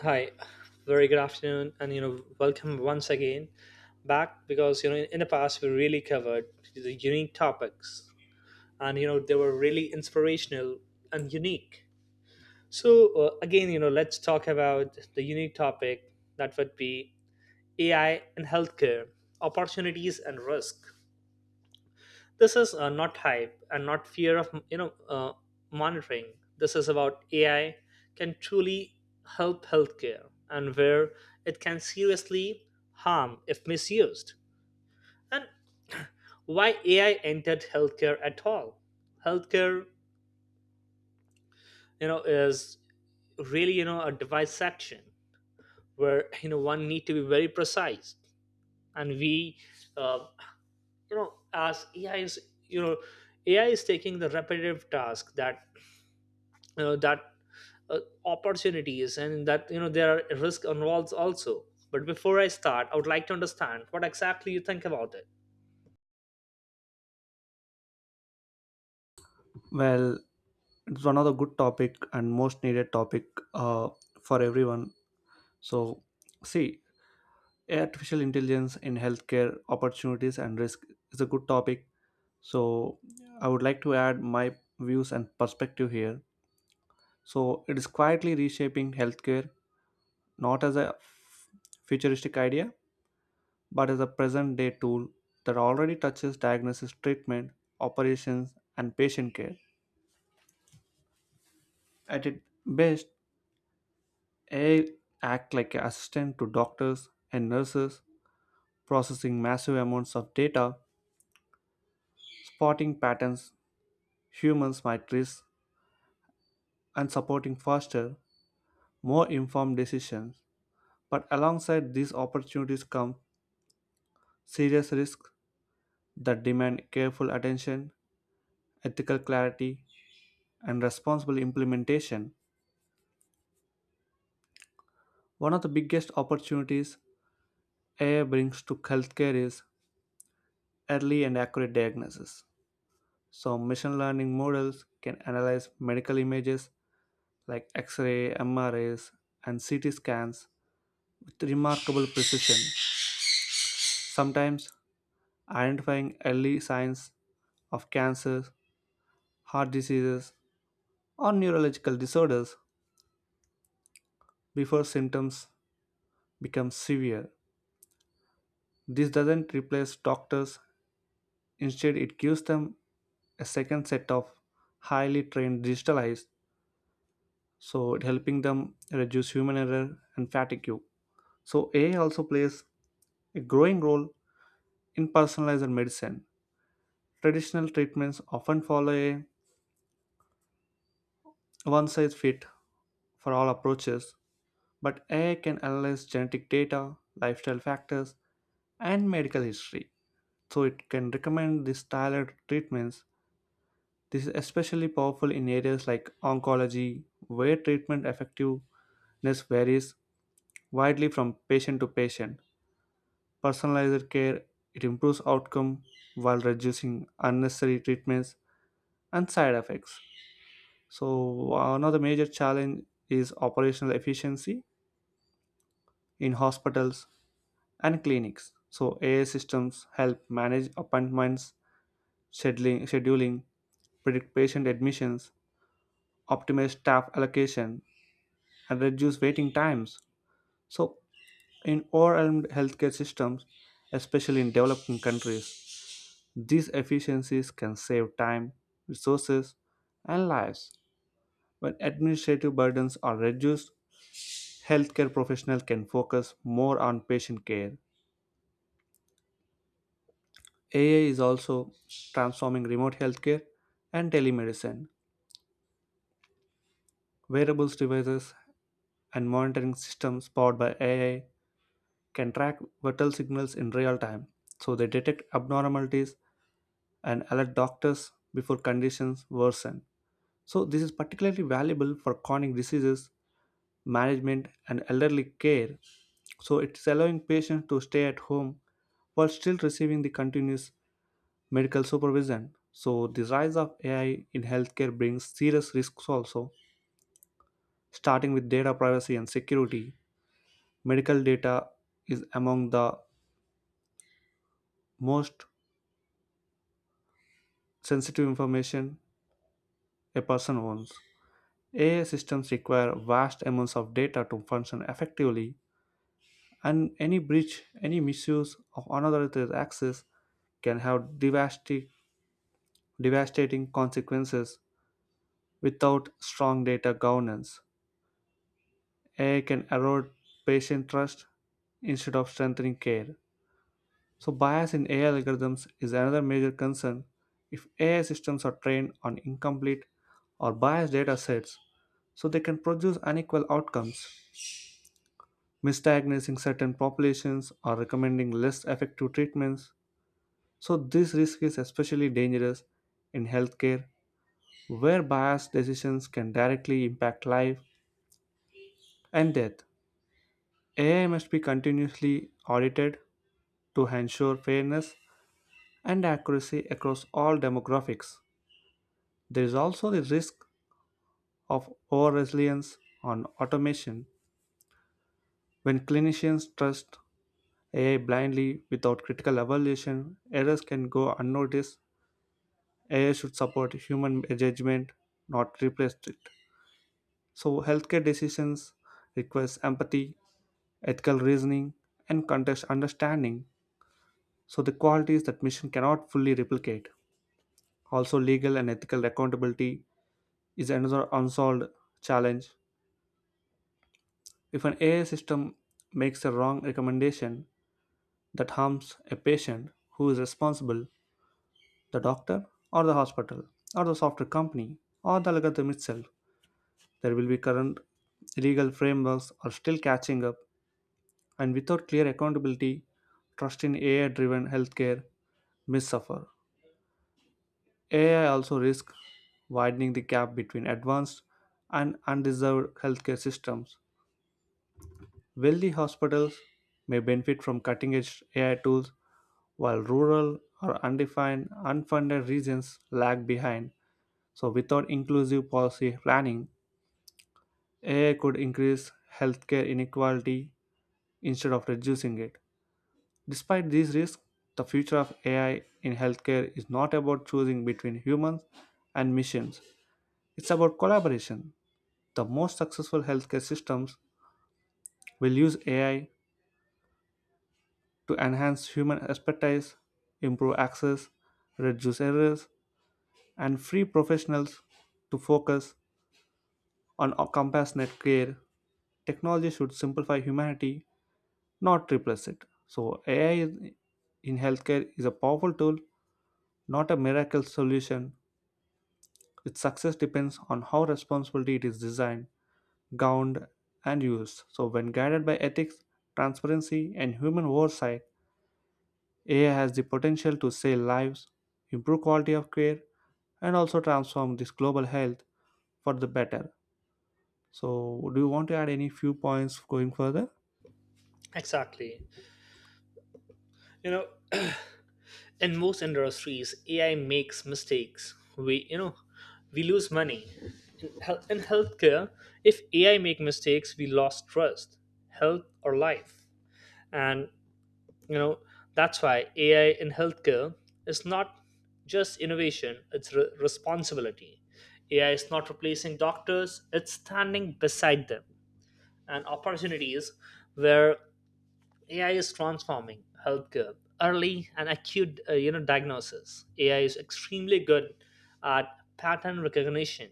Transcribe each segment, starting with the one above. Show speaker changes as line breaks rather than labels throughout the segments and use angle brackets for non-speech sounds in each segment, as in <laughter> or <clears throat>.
Hi, very good afternoon, and welcome once again back because in the past, we really covered the unique topics and they were really inspirational and unique. So, let's talk about the unique topic that would be AI in healthcare, opportunities and risk. This is not hype and not fear of monitoring. This is about AI can truly help healthcare and where it can seriously harm if misused, and why AI entered healthcare at all. Healthcare is really a device section where <laughs> one need to be very precise. And we uh, as AI is you know AI is taking the repetitive task that uh, opportunities and that there are risk involves also. But before I start, I would like to understand what exactly you think about it.
Well, it's one of the good topic and most needed topic uh, for everyone. So, see, artificial intelligence in healthcare opportunities and risk is a good topic. So, I would like to add my views and perspective here. So, it is quietly reshaping healthcare not as a futuristic idea, but as a present day tool that already touches diagnosis, treatment, operations, and patient care. At its best, AI act like an assistant to doctors and nurses, processing massive amounts of data, spotting patterns humans might miss, and supporting faster, more informed decisions. But alongside these opportunities come serious risks that demand careful attention, ethical clarity, and responsible implementation. One of the biggest opportunities AI brings to healthcare is early and accurate diagnosis. So, machine learning models can analyze medical images like X ray, MRIs, and CT scans with remarkable precision, sometimes identifying early signs of cancer, heart diseases, or neurological disorders before symptoms become severe. This doesn't replace doctors, instead, it gives them a second set of highly trained digitalized, so it helping them reduce human error and fatigue. So, AI also plays a growing role in personalized medicine. Traditional treatments often follow a one size fit for all approaches, but AI can analyze genetic data, lifestyle factors, and medical history, so it can recommend these tailored treatments. This is especially powerful in areas like oncology, where treatment effectiveness varies widely from patient to patient. Personalized care, it improves outcome while reducing unnecessary treatments and side effects. So another major challenge is operational efficiency in hospitals and clinics. So AI systems help manage appointments, scheduling, predict patient admissions, optimize staff allocation, and reduce waiting times. So in overwhelmed healthcare systems, especially in developing countries, these efficiencies can save time, resources, and lives. When administrative burdens are reduced, healthcare professionals can focus more on patient care. AI is also transforming remote healthcare and telemedicine. Wearables devices and monitoring systems powered by AI can track vital signals in real time, so they detect abnormalities and alert doctors before conditions worsen. So, this is particularly valuable for chronic diseases management and elderly care, so it's allowing patients to stay at home while still receiving the continuous medical supervision. So the rise of AI in healthcare brings serious risks also, starting with data privacy and security. Medical data is among the most sensitive information a person owns. AI systems require vast amounts of data to function effectively, and any breach, any misuse of another's access can have devastating consequences without strong data governance. AI can erode patient trust instead of strengthening care. So, bias in AI algorithms is another major concern. If AI systems are trained on incomplete or biased data sets, so they can produce unequal outcomes, misdiagnosing certain populations or recommending less effective treatments. So, this risk is especially dangerous in healthcare, where biased decisions can directly impact life and death. AI must be continuously audited to ensure fairness and accuracy across all demographics. There is also the risk of over reliance on automation. When clinicians trust AI blindly without critical evaluation, errors can go unnoticed. AI should support human judgment, not replace it. So, healthcare decisions requires empathy, ethical reasoning, and context understanding. So, the qualities that mission cannot fully replicate. Also, legal and ethical accountability is another unsolved challenge. If an AI system makes a wrong recommendation that harms a patient, who is responsible? The doctor, or the hospital, or the software company, or the algorithm itself? There will be current legal frameworks are still catching up. And without clear accountability, trust in AI driven healthcare may suffer. AI also risks widening the gap between advanced and undeserved healthcare systems. Wealthy hospitals may benefit from cutting edge AI tools, while rural or undefined, unfunded regions lag behind. So, without inclusive policy planning, AI could increase healthcare inequality instead of reducing it. Despite these risks, the future of AI in healthcare is not about choosing between humans and machines. It's about collaboration. The most successful healthcare systems will use AI to enhance human expertise, improve access, reduce errors, and free professionals to focus on compassionate care. Technology should simplify humanity, not replace it. So, in healthcare is a powerful tool, not a miracle solution. Its success depends on how responsibly it is designed, governed, and used. So, when guided by ethics, transparency, and human oversight, AI has the potential to save lives, improve quality of care, and also transform this global health for the better. So, do you want to add any few points going further?
Exactly. you know <clears throat> in most industries AI makes mistakes, we we lose money. In healthcare, if AI make mistakes, we lost trust, health or life. And you know that's why AI in healthcare is not just innovation, it's responsibility. AI is not replacing doctors, it's standing beside them. And opportunities where AI is transforming healthcare, early and acute diagnosis. AI is extremely good at pattern recognition,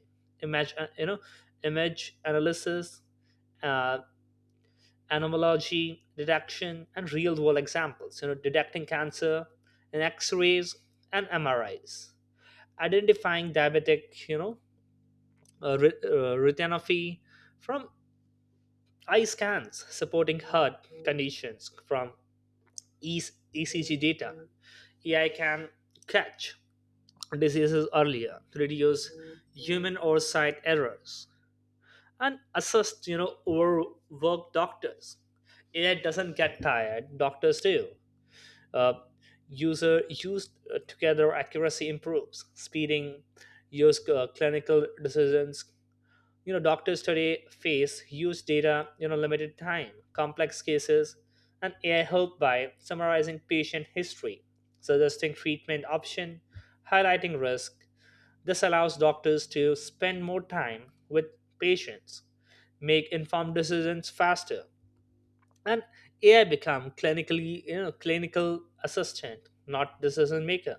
image image analysis, uh, anomalology detection, and real world examples. Detecting cancer in x-rays and MRIs, identifying diabetic retinopathy from eye scans, supporting heart conditions from e- ECG data. AI can catch diseases earlier, reduce human oversight errors, and assist overworked doctors. AI doesn't get tired, doctors do. uh, User used together accuracy improves, speeding use clinical decisions. Doctors today face huge data, limited time, complex cases, and AI help by summarizing patient history, suggesting treatment option, highlighting risk. This allows doctors to spend more time with patients, make informed decisions faster, and AI become clinically you know clinical assistant, not decision maker.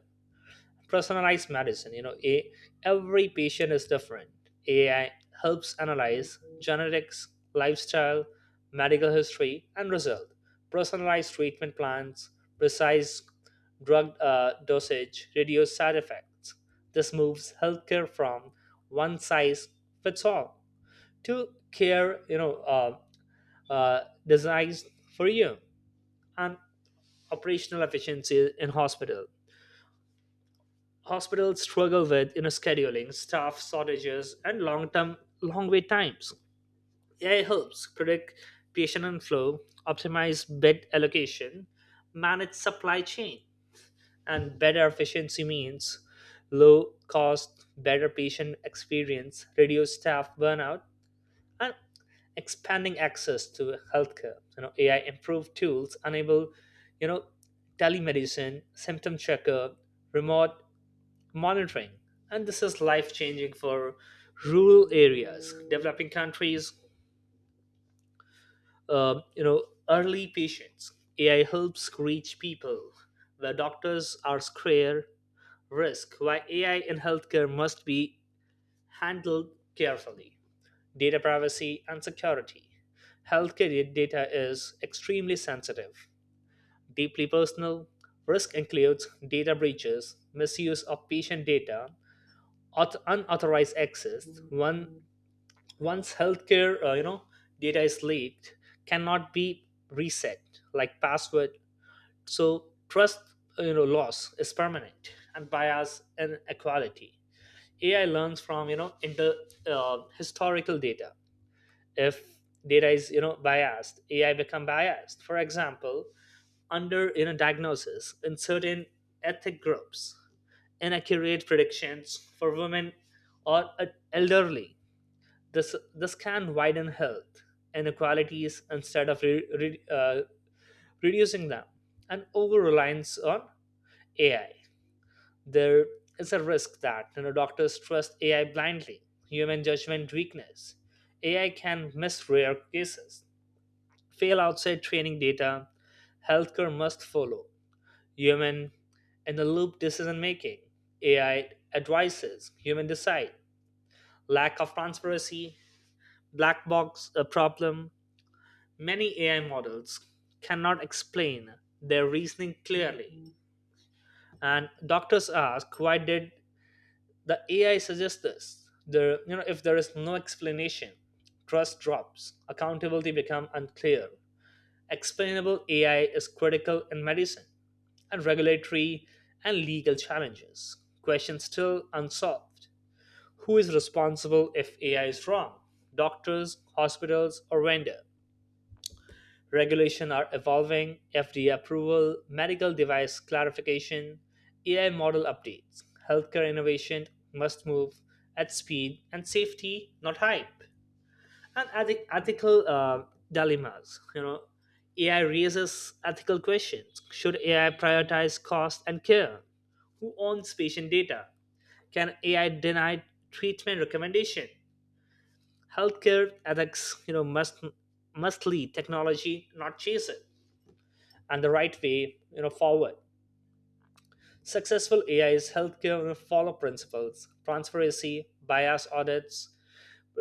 Personalized medicine, every patient is different. AI helps analyze genetics, lifestyle, medical history, and result personalized treatment plans, precise drug dosage, reduce side effects. This moves healthcare from one size fits all to care uh, designed for you. And operational efficiency in hospital. Hospitals struggle with scheduling, staff shortages, and long wait times. AI helps predict patient inflow, optimize bed allocation, manage supply chain, and better efficiency means low cost, better patient experience, reduce staff burnout, and expanding access to healthcare. AI improved tools enable, you know, telemedicine, symptom checkup, remote monitoring, and this is life changing for rural areas, developing countries. Uh, you know, Early patients. AI helps reach people where doctors are scarce. Risk, why AI in healthcare must be handled carefully. Data privacy and security. Healthcare data is extremely sensitive, deeply personal. Risk includes data breaches, misuse of patient data, unauthorized access. Once healthcare data is leaked, cannot be reset like password. So trust loss is permanent. And bias and equality. AI learns from historical data. If data is biased, AI become biased. For example, under diagnosis in certain ethnic groups, inaccurate predictions for women or elderly. This can widen health inequalities instead of reducing them. And over reliance on AI, there is a risk that doctors trust AI blindly, human judgment weakness. AI can miss rare cases, fail outside training data. Healthcare must follow human in the loop decision making. AI advises, human decide. Lack of transparency, black box a problem. Many AI models cannot explain their reasoning clearly. And doctors ask, why did the AI suggest this? If there is no explanation, trust drops, accountability become unclear. Explainable AI is critical in medicine. And regulatory and legal challenges. Questions still unsolved. Who is responsible if AI is wrong? Doctors, hospitals, or vendor? Regulation are evolving, FDA approval, medical device clarification, AI model updates. Healthcare innovation must move at speed and safety, not hype. And ethical dilemmas. AI raises ethical questions. Should AI prioritize cost and care? Who owns patient data? Can AI deny treatment recommendation? Healthcare ethics must lead technology, not chase it. And the right way forward, successful AI is healthcare, follow principles, transparency, bias audits,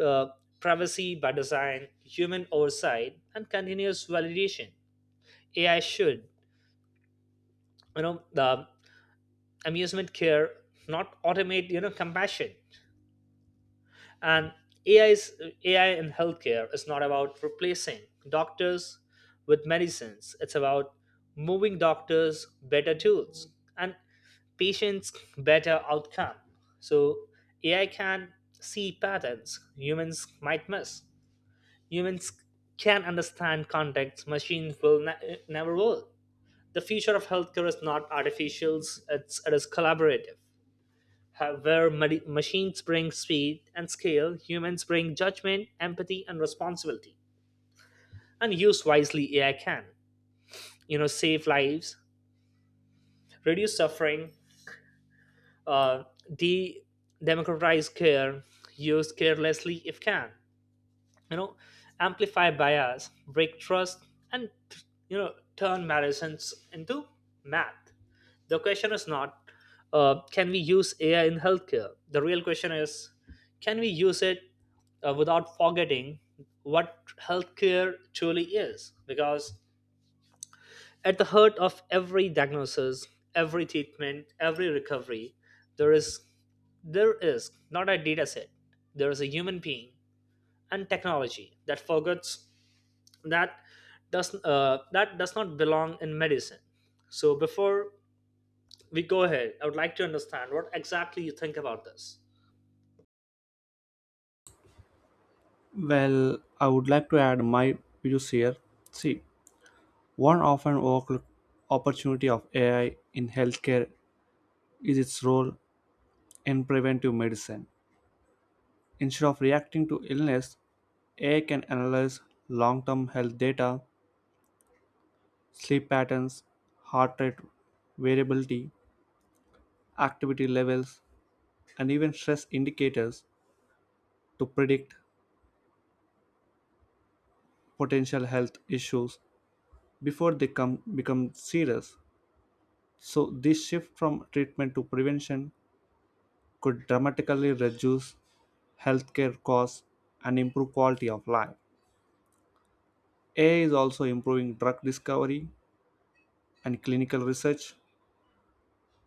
uh, privacy by design, human oversight, and continuous validation. AI should, the amusement care, not automate, compassion. And AI is AI in healthcare is not about replacing doctors with medicines. It's about moving doctors better tools and patients better outcome. So AI can see patterns humans might miss. Humans can understand context, machines will never will. The future of healthcare is not artificial, it is collaborative. Where machines bring speed and scale, humans bring judgment, empathy, and responsibility. And use wisely AI can. Save lives, reduce suffering, uh, de democratize care, use carelessly if can you know amplify bias, break trust, and turn medicines into math. The question is not can we use AI in healthcare, the real question is can we use it without forgetting what healthcare truly is. Because at the heart of every diagnosis, every treatment, every recovery, there is there is not a data set, there is a human being. And technology that forgets that that does not belong in medicine. So before we go ahead, I would like to understand what exactly you think about this.
Well, I would like to add my views here. See, one often overlooked opportunity of AI in healthcare is its role in preventive medicine. Instead of reacting to illness, AI can analyze long term health data, sleep patterns, heart rate variability, activity levels, and even stress indicators to predict potential health issues before become serious. So, this shift from treatment to prevention could dramatically reduce healthcare costs and improve quality of life. AI is also improving drug discovery and clinical research.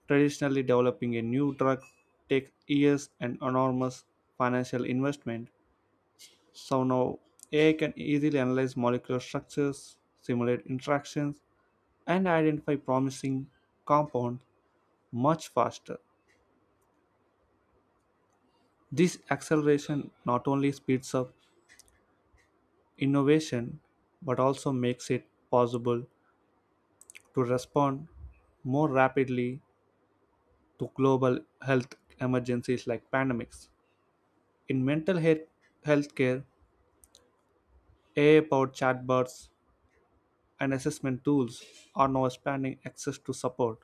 Traditionally, developing a new drug takes years and enormous financial investment. So now AI can easily analyze molecular structures, simulate interactions, and identify promising compounds much faster. This acceleration not only speeds up innovation but also makes it possible to respond more rapidly to global health emergencies like pandemics. In mental health healthcare, AI-powered chatbots and assessment tools are now expanding access to support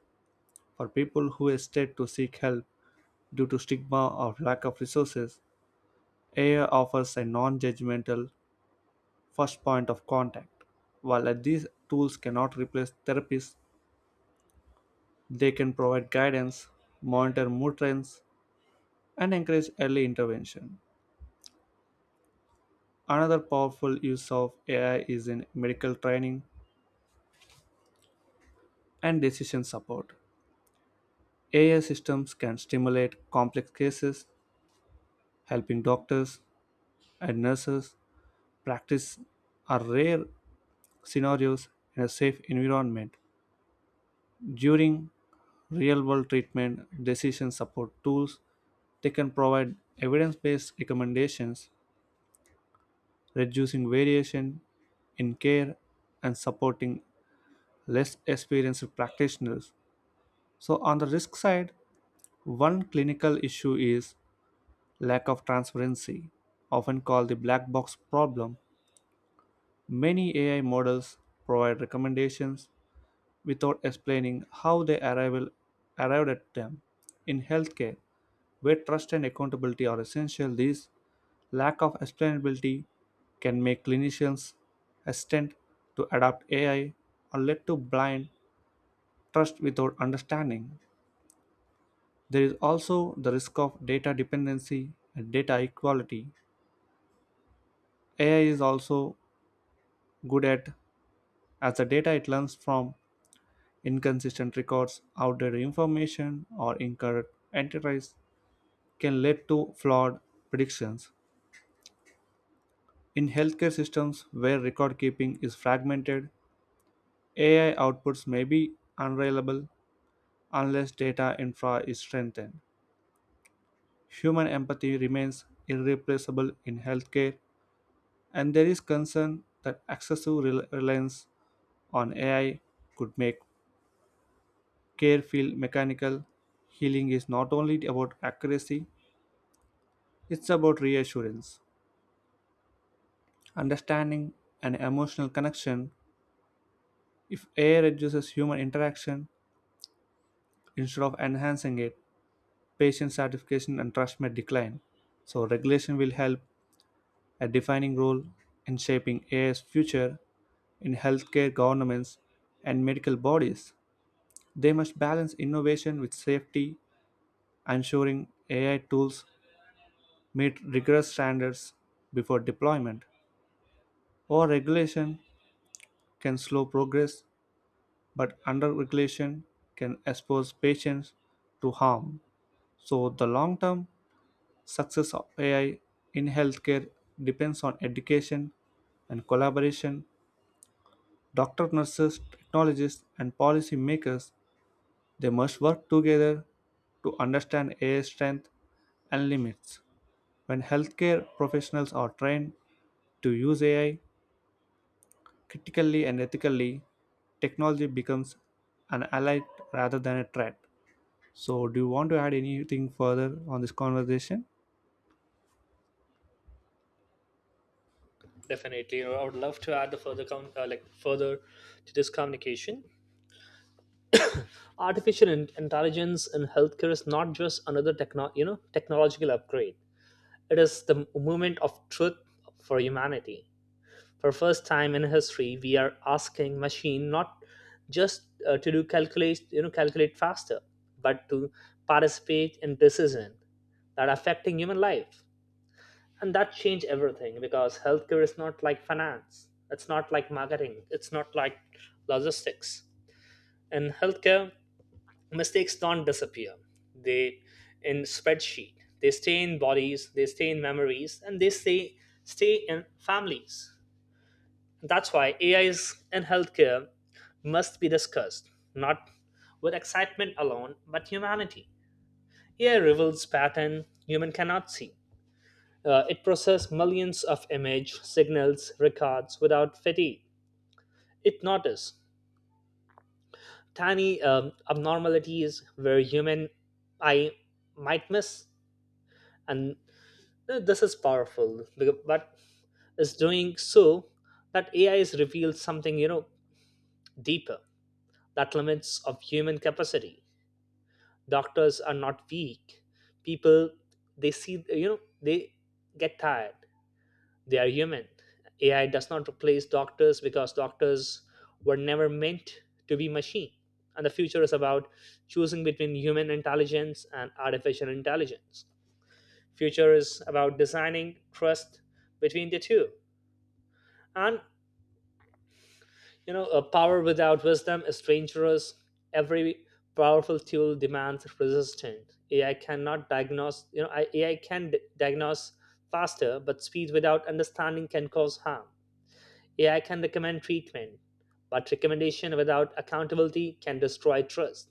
for people who hesitate to seek help due to stigma or lack of resources. AI offers a non-judgmental first point of contact. While these tools cannot replace therapists, they can provide guidance, monitor mood trends, and encourage early intervention. Another powerful use of AI is in medical training and decision support. AI systems can stimulate complex cases, helping doctors and nurses practice are rare scenarios in a safe environment. During real world treatment, decision support tools, they can provide evidence based recommendations, reducing variation in care and supporting less experienced practitioners. So, on the risk side, one clinical issue is lack of transparency, often called the black box problem. Many AI models provide recommendations without explaining how arrived at them. In healthcare, where trust and accountability are essential, this lack of explainability can make clinicians hesitant to adopt AI or led to blind trust without understanding. There is also the risk of data dependency and data equality. AI is also good at as the data it learns from. Inconsistent records, outdated information, or incorrect entries can lead to flawed predictions. In healthcare systems where record keeping is fragmented, AI outputs may be unreliable unless data infra is strengthened. Human empathy remains irreplaceable in healthcare, and there is concern that excessive reliance on AI could make care feel mechanical. Healing is not only about accuracy, it's about reassurance, understanding, and emotional connection. If AI reduces human interaction instead of enhancing it, patient satisfaction and trust may decline. So, regulation will help a defining role in shaping AI's future in healthcare governments and medical bodies. They must balance innovation with safety, ensuring AI tools meet rigorous standards before deployment. Or regulation can slow progress but under-regulation can expose patients to harm. So, the long term success of AI in healthcare depends on education and collaboration. Doctors, nurses, technologists, and policymakers, they must work together to understand AI's strength and limits. When healthcare professionals are trained to use AI critically and ethically, technology becomes an ally rather than a threat. So, do you want to add anything further on this conversation?
Definitely. I would love to add the further to this communication. Artificial intelligence in healthcare is not just another technological upgrade. It is the movement of truth for humanity. For first time in history, we are asking machine not just to do calculate faster, but to participate in decisions that are affecting human life. And that change everything. Because healthcare is not like finance, it's not like marketing, it's not like logistics. In healthcare, mistakes don't disappear. They in spreadsheet. They stay in bodies, they stay in memories, and they stay in families. That's why AIs in healthcare must be discussed, not with excitement alone, but humanity. AI reveals patterns human cannot see. It processes millions of image signals records without fatigue. It notices tiny abnormalities where human eye might miss. And this is powerful. Becau- But is doing so that AI is revealed something deeper, that limits of human capacity. Doctors are not weak people, they see you know they get tired, they are human. AI does not replace doctors because doctors were never meant to be machine. And the future is about choosing between human intelligence and artificial intelligence. Future is about designing trust between the two. And a power without wisdom is dangerous. Every powerful tool demands resistance. AI cannot diagnose, AI can diagnose faster, but speed without understanding can cause harm. AI can recommend treatment, but recommendation without accountability can destroy trust.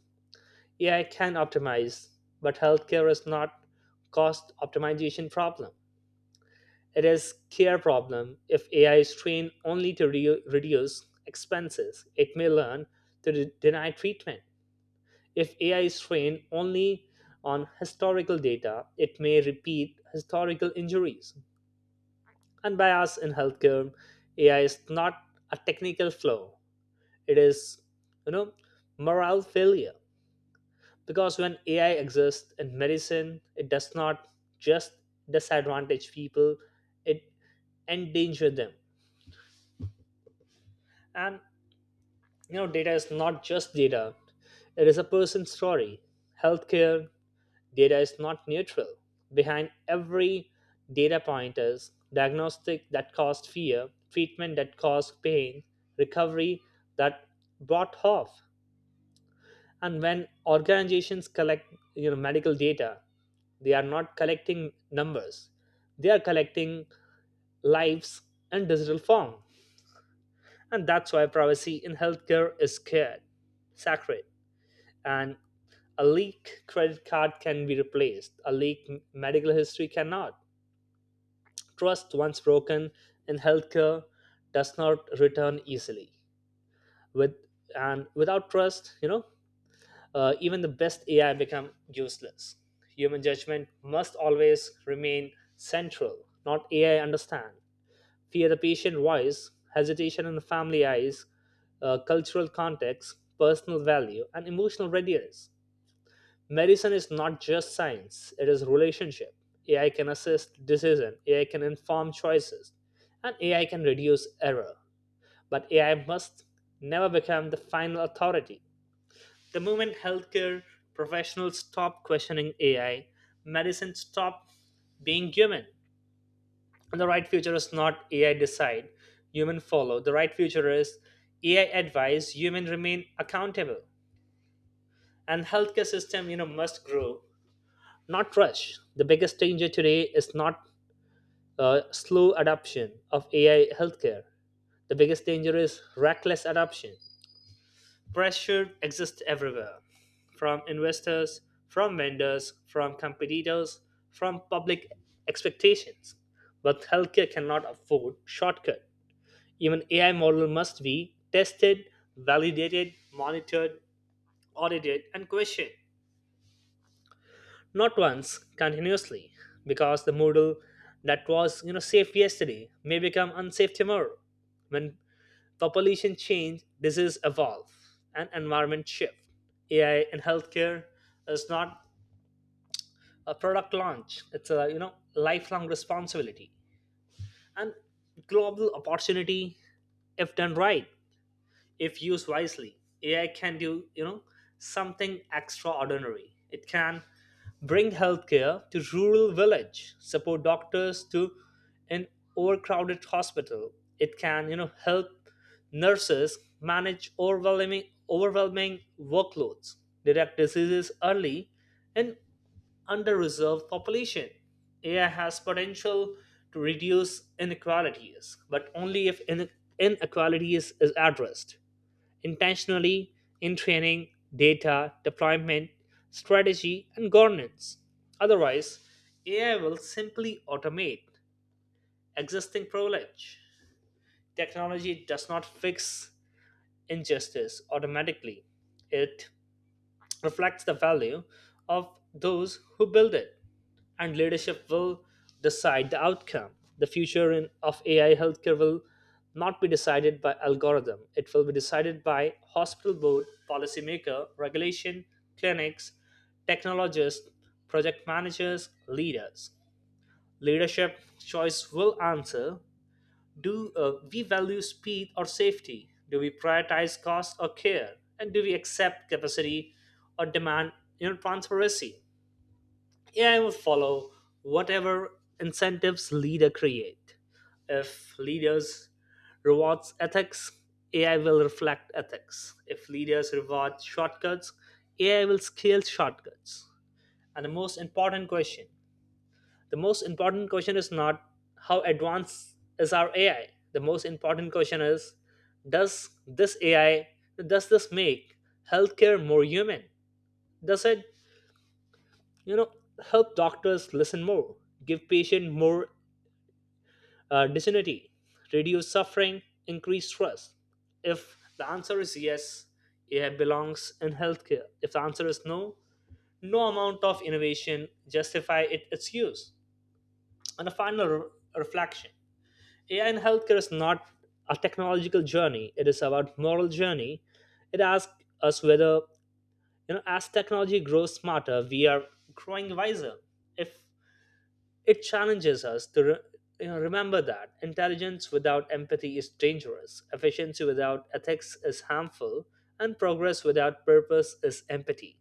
AI can optimize, but healthcare is not cost optimization problem. It is care problem. If AI is trained only to reduce expenses, it may learn to deny treatment. If AI is trained only on historical data, it may repeat historical injuries. And by us in healthcare, AI is not a technical flaw. It is, you know, morale failure. Because when AI exists in medicine, it does not just disadvantage people, it endangers them. And data is not just data, it is a person's story. Healthcare data is not neutral. Behind every data point is diagnostic that caused fear, treatment that caused pain, recovery that brought hope. And when organizations collect medical data, they are not collecting numbers, they are collecting lives in digital form. And that's why privacy in healthcare is scared sacred. And a leaked credit card can be replaced, a leaked medical history cannot. Trust, once broken in healthcare, does not return easily. With and without trust, even the best AI become useless. Human judgment must always remain central, not AI understand. Fear the patient voice, hesitation in the family eyes, cultural context, personal value, and emotional readiness. Medicine is not just science, it is relationship. AI can assist decision, AI can inform choices, and AI can reduce error. But AI must never become the final authority. The moment healthcare professionals stop questioning AI, medicine stop being human. And the right future is not AI decide, human follow. The right future is AI advise, human remain accountable. And healthcare system must grow, not rush. The biggest danger today is not slow adoption of AI healthcare. The biggest danger is reckless adoption. Pressure exists everywhere, from investors, from vendors, from competitors, from public expectations. But healthcare cannot afford shortcut. Even AI model must be tested, validated, monitored, audited, and questioned. Not once, continuously. Because the moodle that was safe yesterday may become unsafe tomorrow, when population change, disease evolve, and environment shift. AI in healthcare is not a product launch, it's a lifelong responsibility and global opportunity. If done right, if used wisely, AI can do something extraordinary. It can bring healthcare to rural village, support doctors to an overcrowded hospital. It can help nurses manage overwhelming workloads, detect diseases early in underreserved population. AI has potential to reduce inequalities, but only if inequalities is addressed intentionally in training, data, deployment, strategy, and governance. Otherwise, AI will simply automate existing privilege. Technology does not fix injustice automatically, it reflects the value of those who build it. And leadership will decide the outcome. The future of AI healthcare will not be decided by algorithm. It will be decided by hospital board, policymaker, regulation, clinics, technologists, project managers, leaders. Leadership choice will answer, do we value speed or safety? Do we prioritize cost or care? And do we accept capacity or demand transparency? AI will follow whatever incentives leader create. If leaders rewards ethics, AI will reflect ethics. If leaders reward shortcuts, AI will scale shortcuts. And the most important question is not how advanced is our AI. The most important question is, does this AI does this make healthcare more human? Does it you know help doctors listen more, give patient more dignity, reduce suffering, increase trust? If the answer is yes, it belongs in healthcare. If the answer is no, no amount of innovation justify it, its use. And a final reflection. AI in healthcare is not a technological journey, it is about moral journey. It asks us whether as technology grows smarter, we are growing wiser. If It challenges us to remember that intelligence without empathy is dangerous, efficiency without ethics is harmful, and progress without purpose is empty.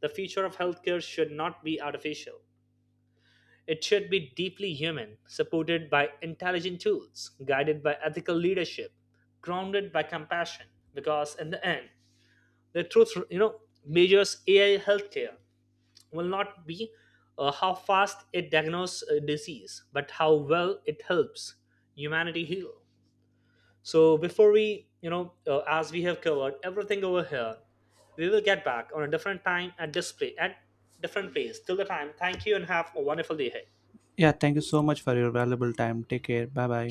The future of healthcare should not be artificial. It should be deeply human, supported by intelligent tools, guided by ethical leadership, grounded by compassion. Because in the end, the truth, measures AI healthcare will not be how fast it diagnoses a disease, but how well it helps humanity heal. So before we, as we have covered everything over here, we will get back on a different time and display at different place. Till the time, thank you and have a wonderful day ahead.
Yeah, thank you so much for your valuable time. Take care. Bye bye.